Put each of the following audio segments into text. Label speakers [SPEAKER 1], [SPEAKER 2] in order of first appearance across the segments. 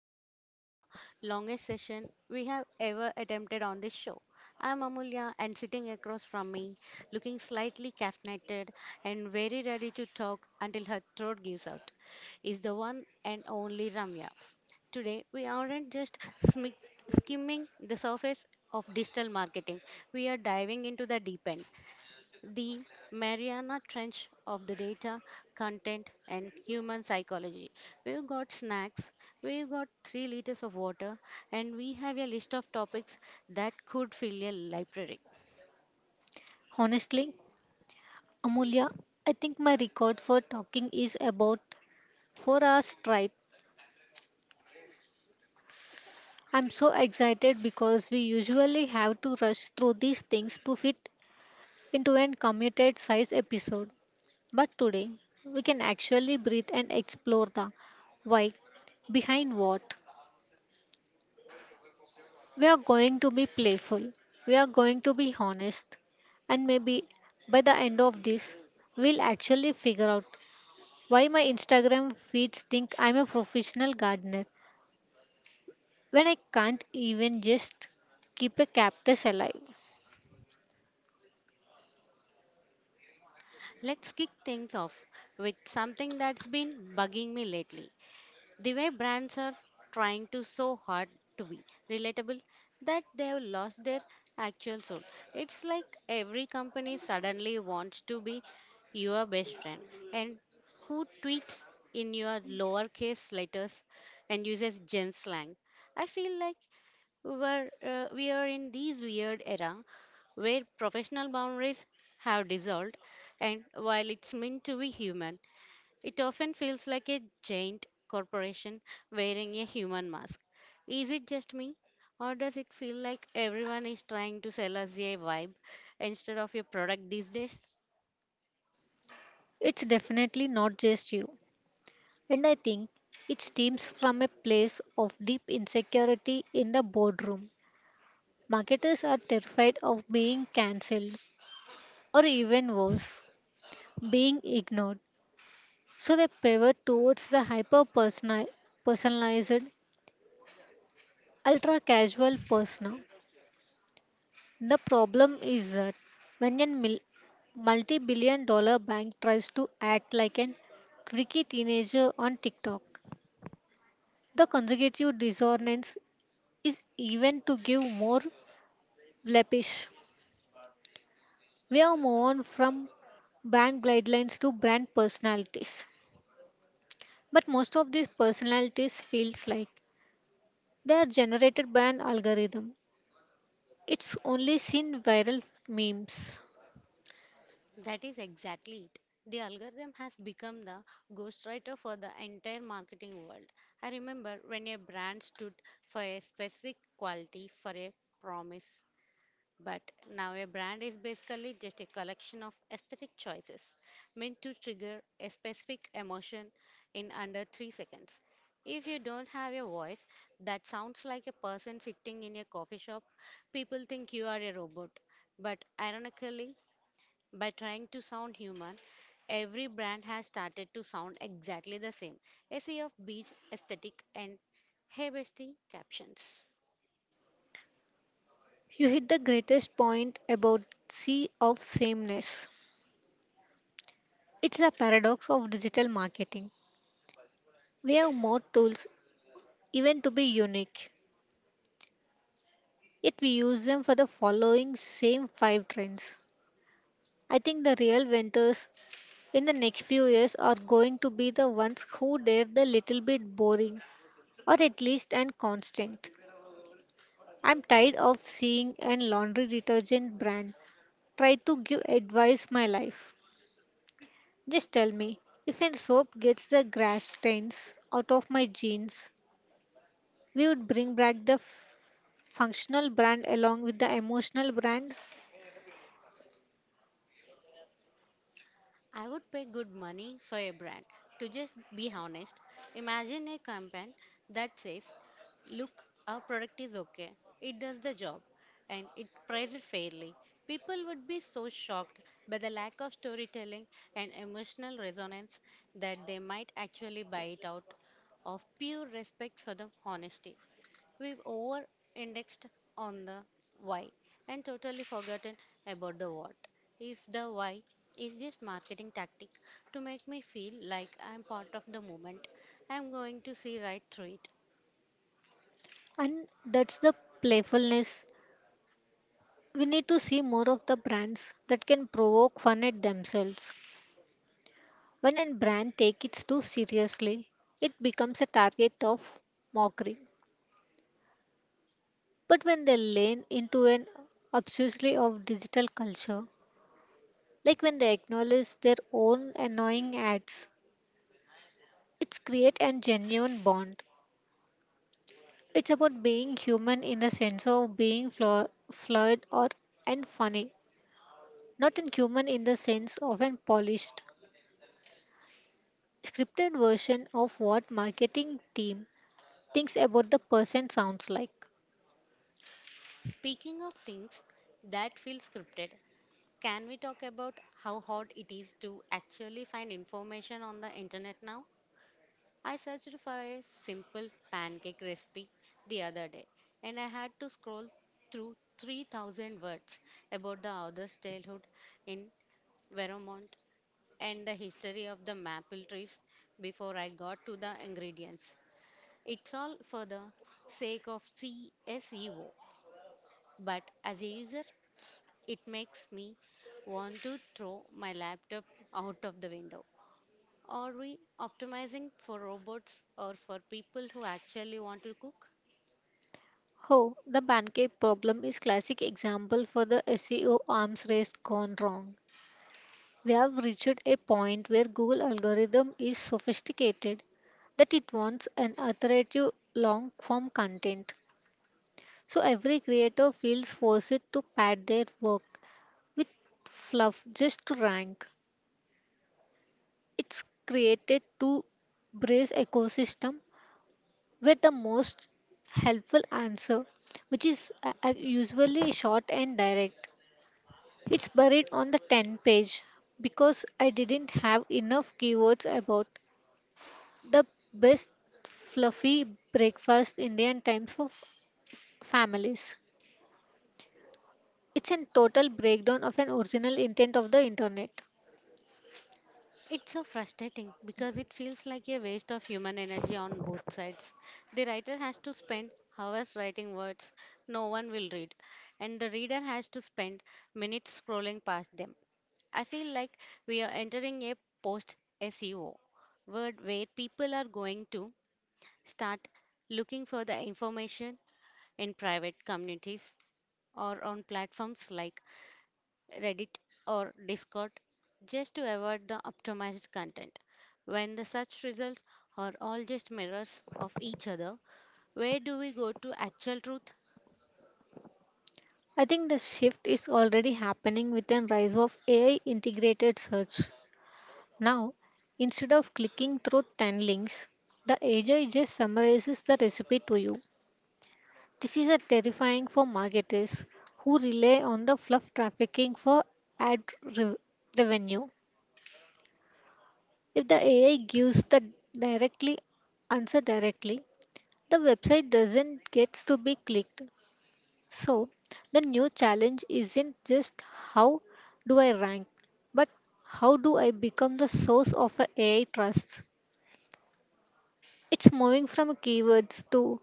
[SPEAKER 1] welcome back to the longest session we have ever attempted on this show. I'm Amulya, and sitting across from me, looking slightly caffeinated and very ready to talk until her throat gives out, is the one and only Ramya. Today, we aren't just smi- skimming the surface of digital marketing, we are diving into the deep end, the Mariana Trench of the data, content, and human psychology. We've got snacks, we've got 3 liters of water, and we have a list of topics that could fill a library.
[SPEAKER 2] Honestly, Amulya, I think my record for talking is about 4 hours straight. I'm so excited because we usually have to rush through these things to fit into an commuted size episode. But today, we can actually breathe and explore the why behind what. We are going to be playful, we are going to be honest, and maybe by the end of this, we'll actually figure out why my Instagram feeds think I'm a professional gardener when I can't even just keep a cactus alive?
[SPEAKER 1] Let's kick things off with something that's been bugging me lately. The way brands are trying to so hard to be relatable that they've lost their actual soul. It's like every company suddenly wants to be your best friend and who tweets in your lowercase letters and uses gen slang. I feel like we are in this weird era where professional boundaries have dissolved, and while it's meant to be human, it often feels like a giant corporation wearing a human mask. Is it just me? Or does it feel like everyone is trying to sell us a vibe instead of a product these days?
[SPEAKER 2] It's definitely not just you. And I think it stems from a place of deep insecurity in the boardroom. Marketers are terrified of being cancelled or even worse, being ignored. So they pivot towards the hyper personalized, ultra casual persona. The problem is that when a multi billion-dollar bank tries to act like an quirky teenager on TikTok, the consecutive dissonance is even to give more flapish. We have moved on from brand guidelines to brand personalities. But most of these personalities feels like they are generated by an algorithm. It's only seen viral memes.
[SPEAKER 1] That is exactly it. The algorithm has become the ghostwriter for the entire marketing world. I remember when a brand stood for a specific quality, for a promise. But now a brand is basically just a collection of aesthetic choices meant to trigger a specific emotion in under 3 seconds. If you don't have a voice that sounds like a person sitting in a coffee shop, people think you are a robot. But ironically, by trying to sound human, every brand has started to sound exactly the same. A sea of beach aesthetic and hey bestie captions.
[SPEAKER 2] You hit the greatest point about sea of sameness. It's the paradox of digital marketing. We have more tools, even to be unique, yet we use them for the following same five trends. I think the real winners in the next few years are going to be the ones who dare the little bit boring or at least and constant. I'm tired of seeing an laundry detergent brand try to give advice my life. Just tell me, if an soap gets the grass stains out of my jeans, we would bring back the functional brand along with the emotional brand.
[SPEAKER 1] I would pay good money for a brand to just be honest. Imagine a campaign that says, "Look, our product is okay, it does the job, and it priced fairly." People would be so shocked by the lack of storytelling and emotional resonance that they might actually buy it out of pure respect for the honesty. We've over indexed on the why and totally forgotten about the what. If the why is this marketing tactic to make me feel like I'm part of the movement, I'm going to see right through it.
[SPEAKER 2] And that's the playfulness. We need to see more of the brands that can provoke fun at themselves. When a brand takes it too seriously, it becomes a target of mockery. But when they lean into an obsessively of digital culture, like when they acknowledge their own annoying ads, it's create a genuine bond. It's about being human in the sense of being flawed or and funny, not in human in the sense of an polished, scripted version of what marketing team thinks about the person sounds like.
[SPEAKER 1] Speaking of things that feel scripted, can we talk about how hard it is to actually find information on the internet now? I searched for a simple pancake recipe the other day and I had to scroll through 3,000 words about the author's childhood in Vermont and the history of the maple trees before I got to the ingredients. It's all for the sake of SEO, but as a user, it makes me want to throw my laptop out of the window. Are we optimizing for robots or for people who actually want to cook?
[SPEAKER 2] Oh, the pancake problem is classic example for the SEO arms race gone wrong. We have reached a point where Google algorithm is sophisticated that it wants an alternative long form content. So every creator feels forced to pad their work with fluff just to rank. It's created to brace ecosystem where the most helpful answer, which is usually short and direct, it's buried on the 10-page because I didn't have enough keywords about the best fluffy breakfast Indian times for families. It's a total breakdown of an original intent of the internet.
[SPEAKER 1] It's so frustrating because it feels like a waste of human energy on both sides. The writer has to spend hours writing words no one will read, and the reader has to spend minutes scrolling past them. I feel like we are entering a post SEO world where people are going to start looking for the information in private communities or on platforms like Reddit or Discord just to avoid the optimized content. When the search results are all just mirrors of each other, where do we go to actual truth?
[SPEAKER 2] I think the shift is already happening with the rise of AI integrated search. Now, instead of clicking through 10 links, the AI just summarizes the recipe to you. This is a terrifying for marketers who rely on the fluff trafficking for ad re- revenue. If the AI gives the directly answer directly, the website doesn't gets to be clicked. So, the new challenge isn't just how do I rank, but how do I become the source of a AI trust? It's moving from keywords to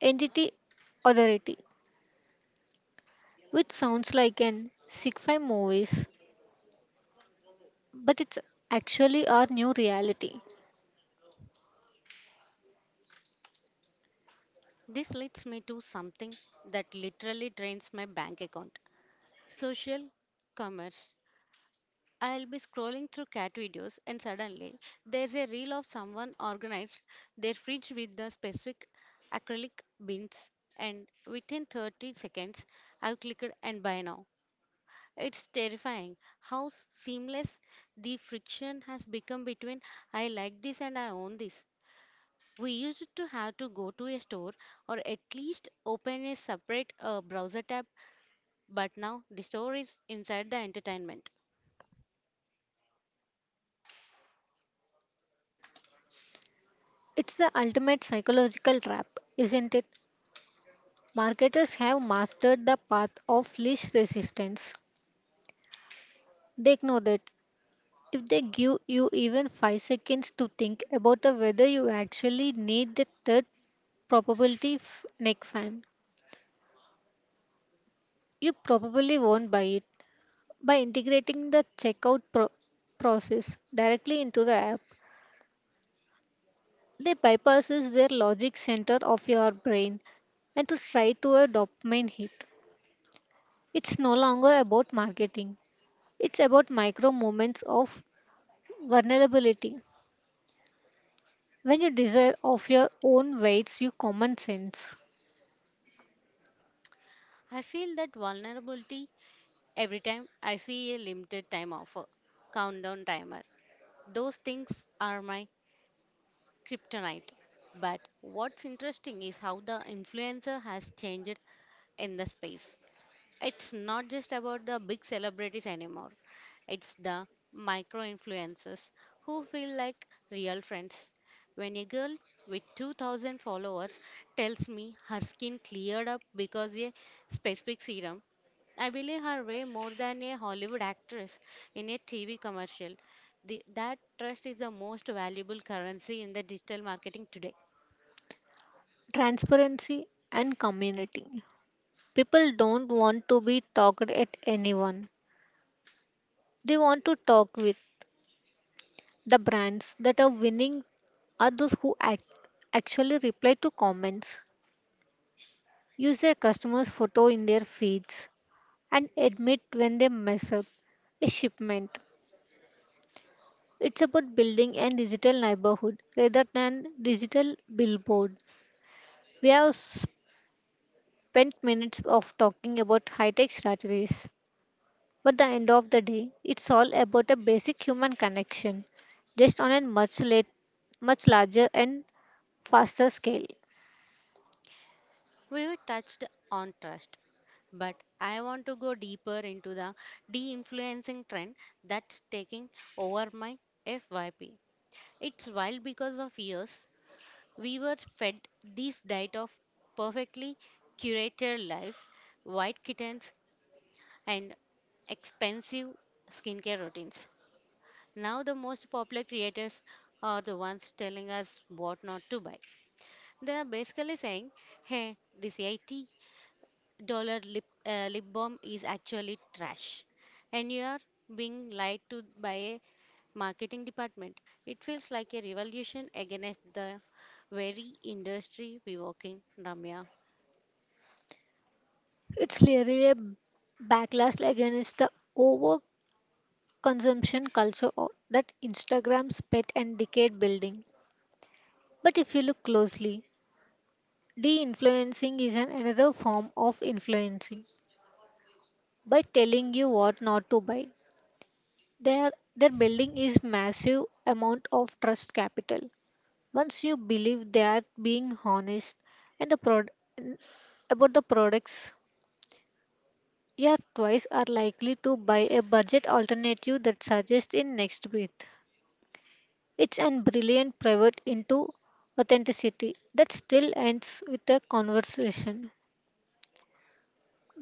[SPEAKER 2] entity authority, which sounds like an sci-fi movies, but it's actually our new reality.
[SPEAKER 1] This leads me to something that literally drains my bank account, social commerce. I'll be scrolling through cat videos and suddenly there's a reel of someone organized their fridge with the specific acrylic bins, and within 30 seconds I've clicked and buy now. It's terrifying how seamless the friction has become between I like this and I own this. We used to have to go to a store or at least open a separate browser tab, but now the store is inside the entertainment.
[SPEAKER 2] It's the ultimate psychological trap, isn't it? Marketers have mastered the path of least resistance. They know that if they give you even 5 seconds to think about the whether you actually need the third probability neck fan, you probably won't buy it. By integrating the checkout process directly into the app, they bypasses their logic center of your brain and to try to a dopamine hit. It's no longer about marketing. It's about micro moments of vulnerability. When you desire of your own weights, you common sense.
[SPEAKER 1] I feel that vulnerability every time I see a limited time offer, countdown timer. Those things are my kryptonite. But what's interesting is how the influencer has changed in the space. It's not just about the big celebrities anymore. It's the micro influencers who feel like real friends. When a girl with 2,000 followers tells me her skin cleared up because a specific serum, I believe her way more than a Hollywood actress in a TV commercial. That trust is the most valuable currency in the digital marketing today.
[SPEAKER 2] Transparency and community, people don't want to be talked at anyone, they want to talk with. The brands that are winning are those who actually reply to comments, use their customers photo in their feeds, and admit when they mess up a shipment. It's about building a digital neighborhood rather than digital billboard. We have spent minutes of talking about high tech strategies. But the end of the day, it's all about a basic human connection, just on a much much larger and faster scale.
[SPEAKER 1] We've touched on trust, but I want to go deeper into the de influencing trend that's taking over my FYP. It's wild because of years we were fed this diet of perfectly curated lives, white kittens, and expensive skincare routines. Now, the most popular creators are the ones telling us what not to buy. They are basically saying, "Hey, this $80 lip balm is actually trash and you are being lied to by a marketing department." It feels like a revolution against the very industry we work in, Ramya.
[SPEAKER 2] It's clearly a backlash against the overconsumption culture that Instagram spent and decade building. But if you look closely, de-influencing is an another form of influencing by telling you what not to buy. Their their building is massive amount of trust capital. Once you believe they are being honest and the about the products, your twice are likely to buy a budget alternative that suggests in next breath. It's an brilliant pivot into authenticity that still ends with a conversation,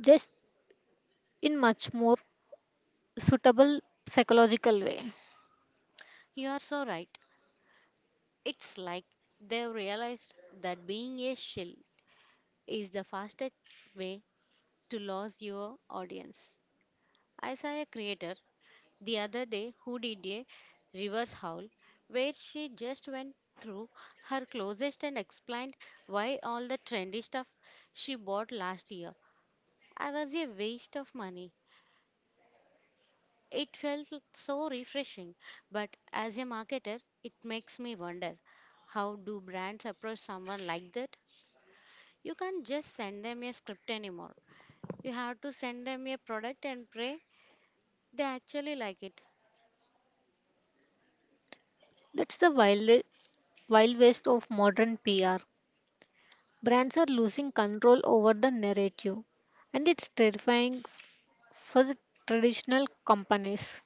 [SPEAKER 2] just in much more suitable psychological way.
[SPEAKER 1] You are so right. It's like they've realized that being a shill is the fastest way to lose your audience. I saw a creator the other day, who did a reverse howl where she just went through her closest and explained why all the trendy stuff she bought last year I was a waste of money. It felt so refreshing, but as a marketer, it makes me wonder, how do brands approach someone like that? You can't just send them a script anymore. You have to send them a product and pray they actually like it.
[SPEAKER 2] That's the wild, wild west of modern PR. Brands are losing control over the narrative, and it's terrifying for the traditional companies.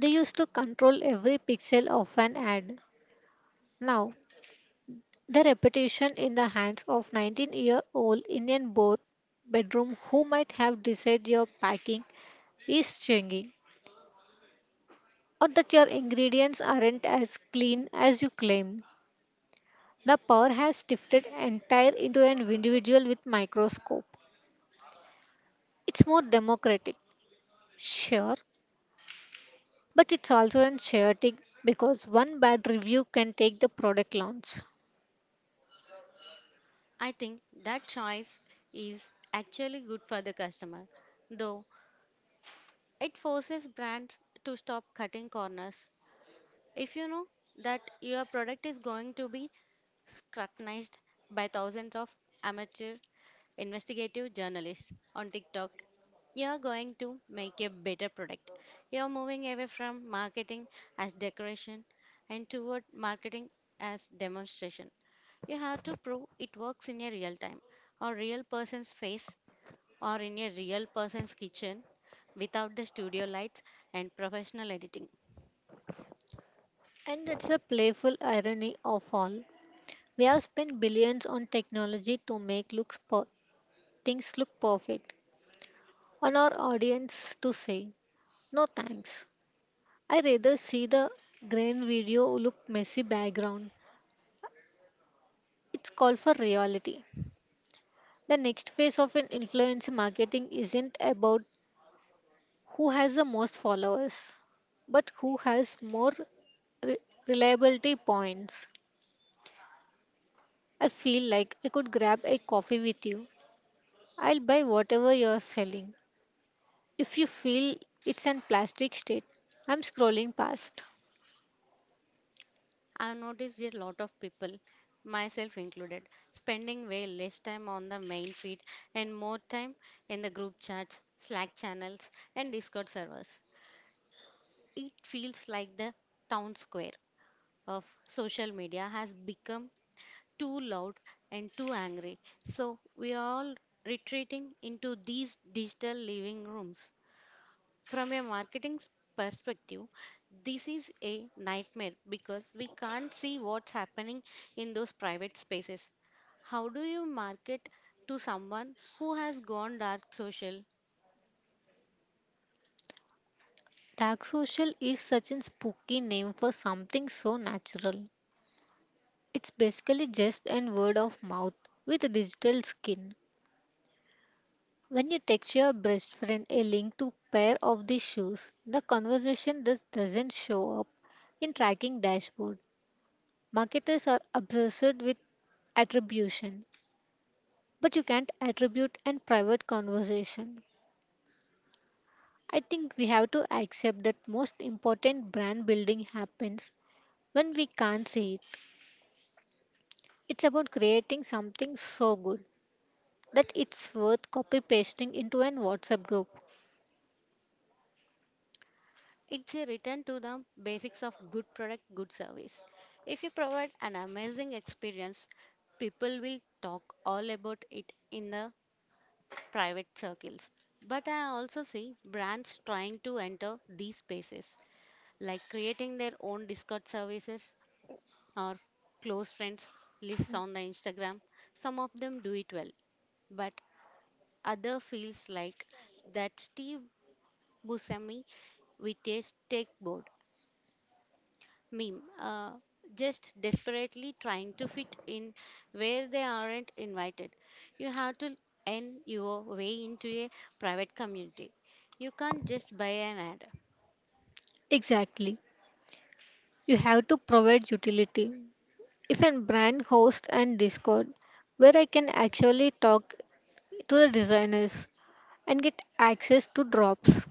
[SPEAKER 2] They used to control every pixel of an ad. Now, the reputation in the hands of 19-year-old Indian board bedroom who might have decided your packing is changing or that your ingredients aren't as clean as you claim. The power has shifted entire into an individual with microscope. It's more democratic. Sure, but it's also anxiety because one bad review can take the product launch.
[SPEAKER 1] I think that choice is actually good for the customer, though it forces brands to stop cutting corners. If you know that your product is going to be scrutinized by thousands of amateur investigative journalists on TikTok, you're going to make a better product. You're moving away from marketing as decoration and toward marketing as demonstration. You have to prove it works in a real time or real person's face or in a real person's kitchen without the studio lights and professional editing.
[SPEAKER 2] And that's a playful irony of all. We have spent billions on technology to make things look perfect, on our audience to say, no thanks. I rather see the grain video look messy background. It's called for reality. The next phase of an influencer marketing isn't about who has the most followers, but who has more re- reliability points. I feel like I could grab a coffee with you. I'll buy whatever you're selling. If you feel it's an plastic state, I'm scrolling past.
[SPEAKER 1] I've noticed a lot of people, myself included, spending way less time on the main feed and more time in the group chats, Slack channels, and Discord servers. It feels like the town square of social media has become too loud and too angry. So we are all retreating into these digital living rooms. From a marketing perspective, this is a nightmare because we can't see what's happening in those private spaces. How do you market to someone who has gone dark social?
[SPEAKER 2] Tag social is such a spooky name for something so natural. It's basically just an word of mouth with digital skin. When you text your best friend a link to pair of the shoes, the conversation just doesn't show up in tracking dashboard. Marketers are obsessed with attribution, but you can't attribute and private conversation. I think we have to accept that most important brand building happens when we can't see it. It's about creating something so good that it's worth copy pasting into an WhatsApp group.
[SPEAKER 1] It's a return to the basics of good product, good service. If you provide an amazing experience, people will talk all about it in the private circles. But I also see brands trying to enter these spaces like creating their own Discord services or close friends lists on the Instagram. Some of them do it well, but other feels like that Steve Buscemi with a skateboard meme, just desperately trying to fit in where they aren't invited. You have to earn your way into a private community. You can't just buy an ad.
[SPEAKER 2] Exactly. You have to provide utility. If a brand hosts and Discord where I can actually talk to the designers and get access to drops,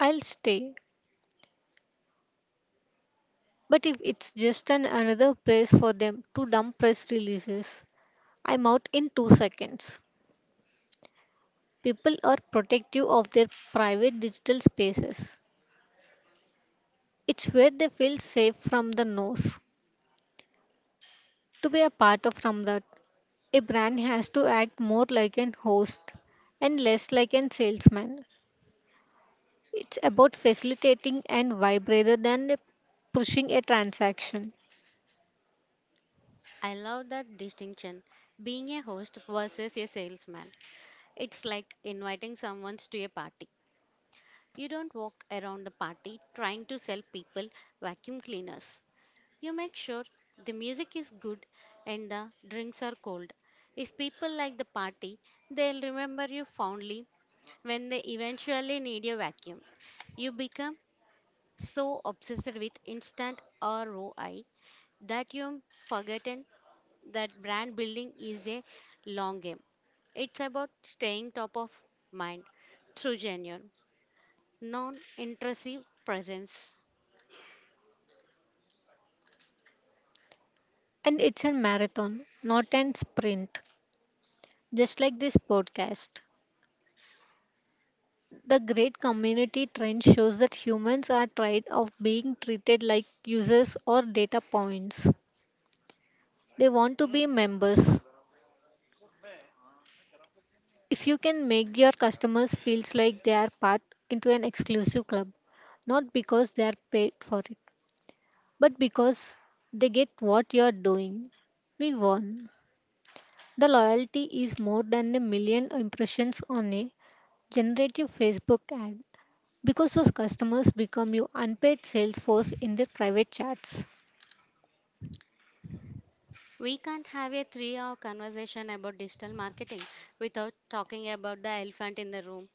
[SPEAKER 2] I'll stay. But if it's just an another place for them to dump press releases, I'm out in 2 seconds. People are protective of their private digital spaces. It's where they feel safe from the nose. To be a part of from that, a brand has to act more like an host and less like an salesman. It's about facilitating and vibe rather than pushing a transaction.
[SPEAKER 1] I love that distinction, being a host versus a salesman. It's like inviting someone to a party. You don't walk around the party trying to sell people vacuum cleaners. You make sure the music is good and the drinks are cold. If people like the party, they'll remember you fondly when they eventually need a vacuum. You become so obsessed with instant ROI that you've forgotten that brand building is a long game. It's about staying top of mind through genuine, non intrusive presence.
[SPEAKER 2] And it's a marathon, not an sprint. Just like this podcast, the great community trend shows that humans are tired of being treated like users or data points. They want to be members. If you can make your customers feels like they are part into an exclusive club, not because they are paid for it, but because they get what you are doing. We won. The loyalty is more than a million impressions on a generative Facebook ad because those customers become your unpaid sales force in their private chats.
[SPEAKER 1] We can't have a 3 hour conversation about digital marketing without talking about the elephant in the room,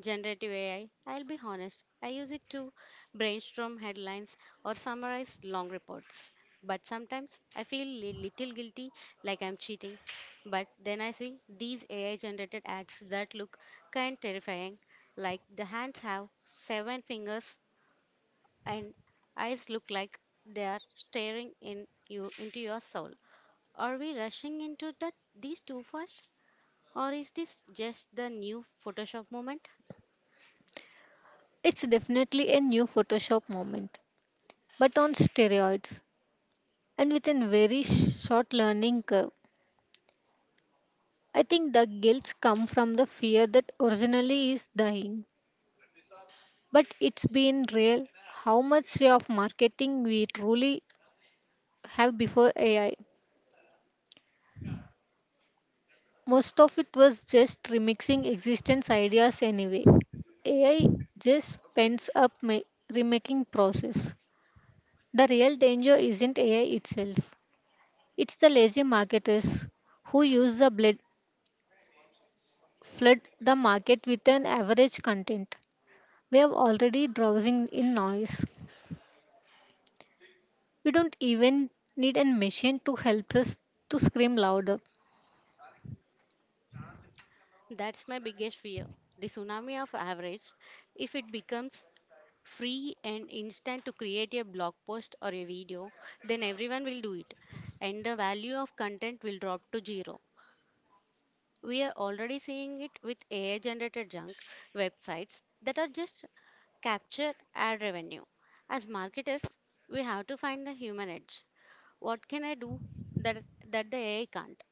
[SPEAKER 1] generative AI. I'll be honest, I use it to brainstorm headlines or summarize long reports. But sometimes I feel a little guilty, like I'm cheating. But then I see these AI generated ads that look kind terrifying, like the hands have seven fingers and eyes look like they are staring in you into your soul. Are we rushing into that these too fast? Or is this just the new Photoshop moment?
[SPEAKER 2] It's definitely a new Photoshop moment, but on steroids and with a very short learning curve. I think the guilt comes from the fear that originally is dying, but it's been real how much of marketing we truly have before AI. Most of it was just remixing existence ideas anyway. AI just pends up remaking process. The real danger isn't AI itself. It's the lazy marketers who use the blood flood the market with an average content. We are already drowsing in noise. We don't even need a machine to help us to scream louder.
[SPEAKER 1] That's my biggest fear. The tsunami of average, if it becomes free and instant to create a blog post or a video, then everyone will do it. And the value of content will drop to zero. We are already seeing it with AI generated junk websites that are just capture ad revenue. As marketers, we have to find the human edge. What can I do that that the AI can't?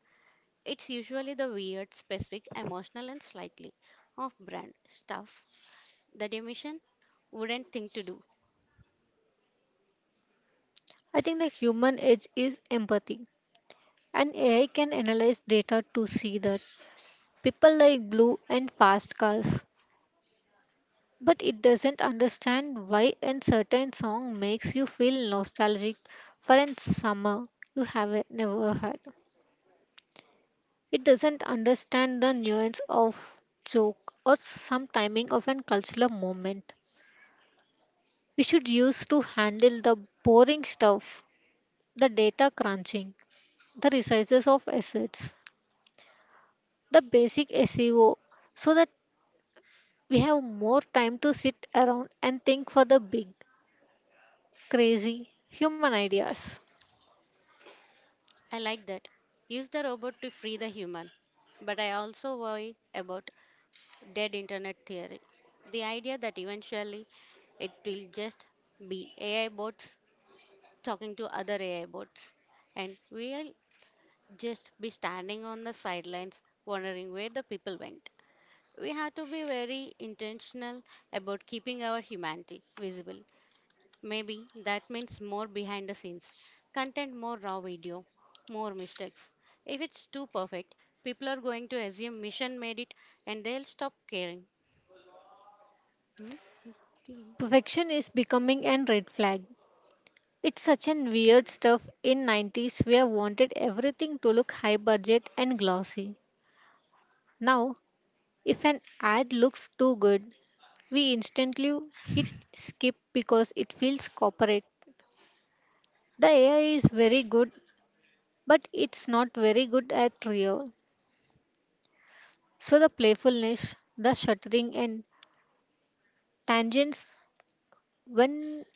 [SPEAKER 1] It's usually the weird, specific, emotional and slightly off brand stuff that a mission wouldn't think to do.
[SPEAKER 2] I think the human edge is empathy, and AI can analyze data to see that. People like blue and fast cars, but it doesn't understand why a certain song makes you feel nostalgic for a summer you have never had. It doesn't understand the nuance of joke or some timing of a cultural moment. We should use to handle the boring stuff, the data crunching, the resources of assets, the basic SEO, so that we have more time to sit around and think for the big crazy human ideas.
[SPEAKER 1] I like that. Use the robot to free the human. But I also worry about dead internet theory. The idea that eventually it will just be AI bots talking to other AI bots, and we'll just be standing on the sidelines wondering where the people went. We have to be very intentional about keeping our humanity visible. Maybe that means more behind the scenes content, more raw video, more mistakes. If it's too perfect, people are going to assume mission made it and they'll stop caring. Hmm? Again.
[SPEAKER 2] Perfection is becoming a red flag. It's such an weird stuff in 90s where wanted everything to look high budget and glossy. Now, if an ad looks too good, we instantly hit skip because it feels corporate. The AI is very good, but it's not very good at real. So the playfulness, the shuttering and tangents when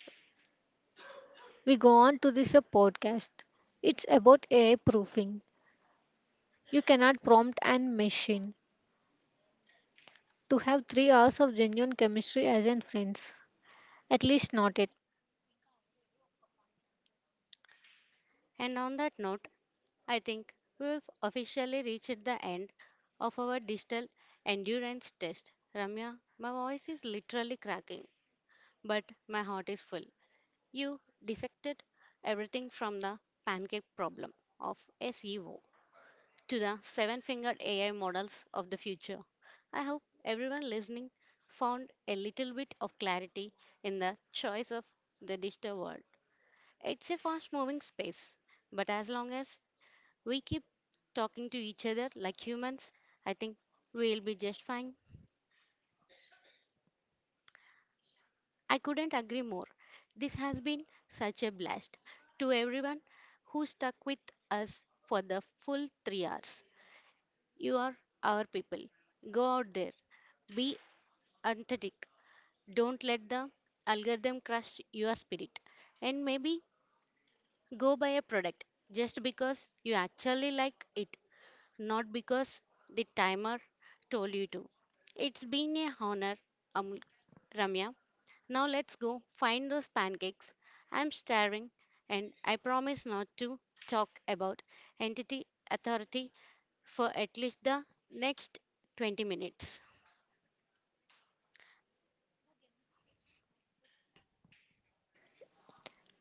[SPEAKER 2] we go on to this podcast. It's about AI proofing. You cannot prompt and machine to have 3 hours of genuine chemistry as in friends. At least not it.
[SPEAKER 1] And on that note, I think we've officially reached the end of our digital endurance test. Ramya, my voice is literally cracking, but my heart is full. You dissected everything from the pancake problem of SEO to the seven fingered AI models of the future. I hope everyone listening found a little bit of clarity in the choice of the digital world. It's a fast moving space, but as long as we keep talking to each other like humans, I think we'll be just fine. I couldn't agree more. This has been such a blast. To everyone who stuck with us for the full 3 hours, you are our people. Go out there, be authentic. Don't let the algorithm crush your spirit. And maybe go buy a product just because you actually like it, not because the timer told you to. It's been a honor, um, Ramya. Now let's go find those pancakes. I'm starving and I promise not to talk about entity authority for at least the next 20 minutes.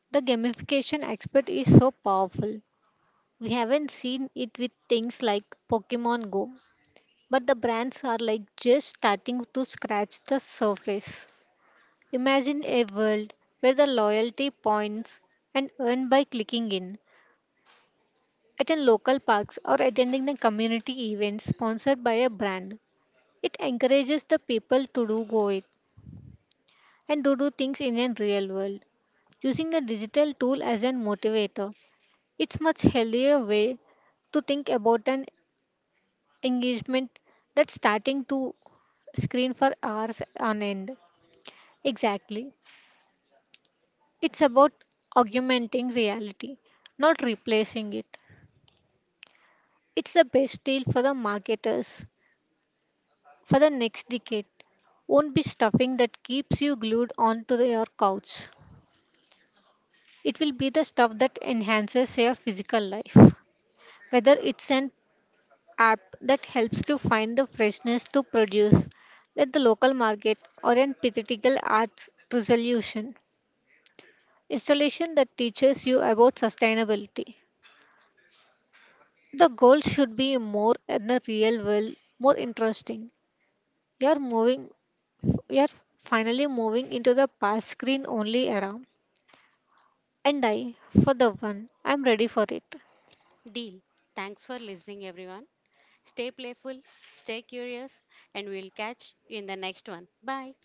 [SPEAKER 2] The gamification aspect is so powerful. We haven't seen it with things like Pokemon Go, but the brands are like just starting to scratch the surface. Imagine a world where the loyalty points and earn by clicking in at a local parks or attending the community events sponsored by a brand. It encourages the people to do go it and to do things in a real world. Using the digital tool as a motivator, it's much healthier way to think about an engagement than starting to screen for hours on end. Exactly. It's about augmenting reality, not replacing it. It's the best deal for the marketers for the next decade won't be stuffing that keeps you glued onto your couch. It will be the stuff that enhances your physical life. Whether it's an app that helps to find the freshness to produce at the local market or an theoretical arts resolution installation that teaches you about sustainability. The goal should be more in the real world, more interesting. You are moving, you are finally moving into the pass screen only era. And I, for the one, I'm ready for it.
[SPEAKER 1] Deal. Thanks for listening, everyone. Stay playful, stay curious, and we'll catch you in the next one. Bye.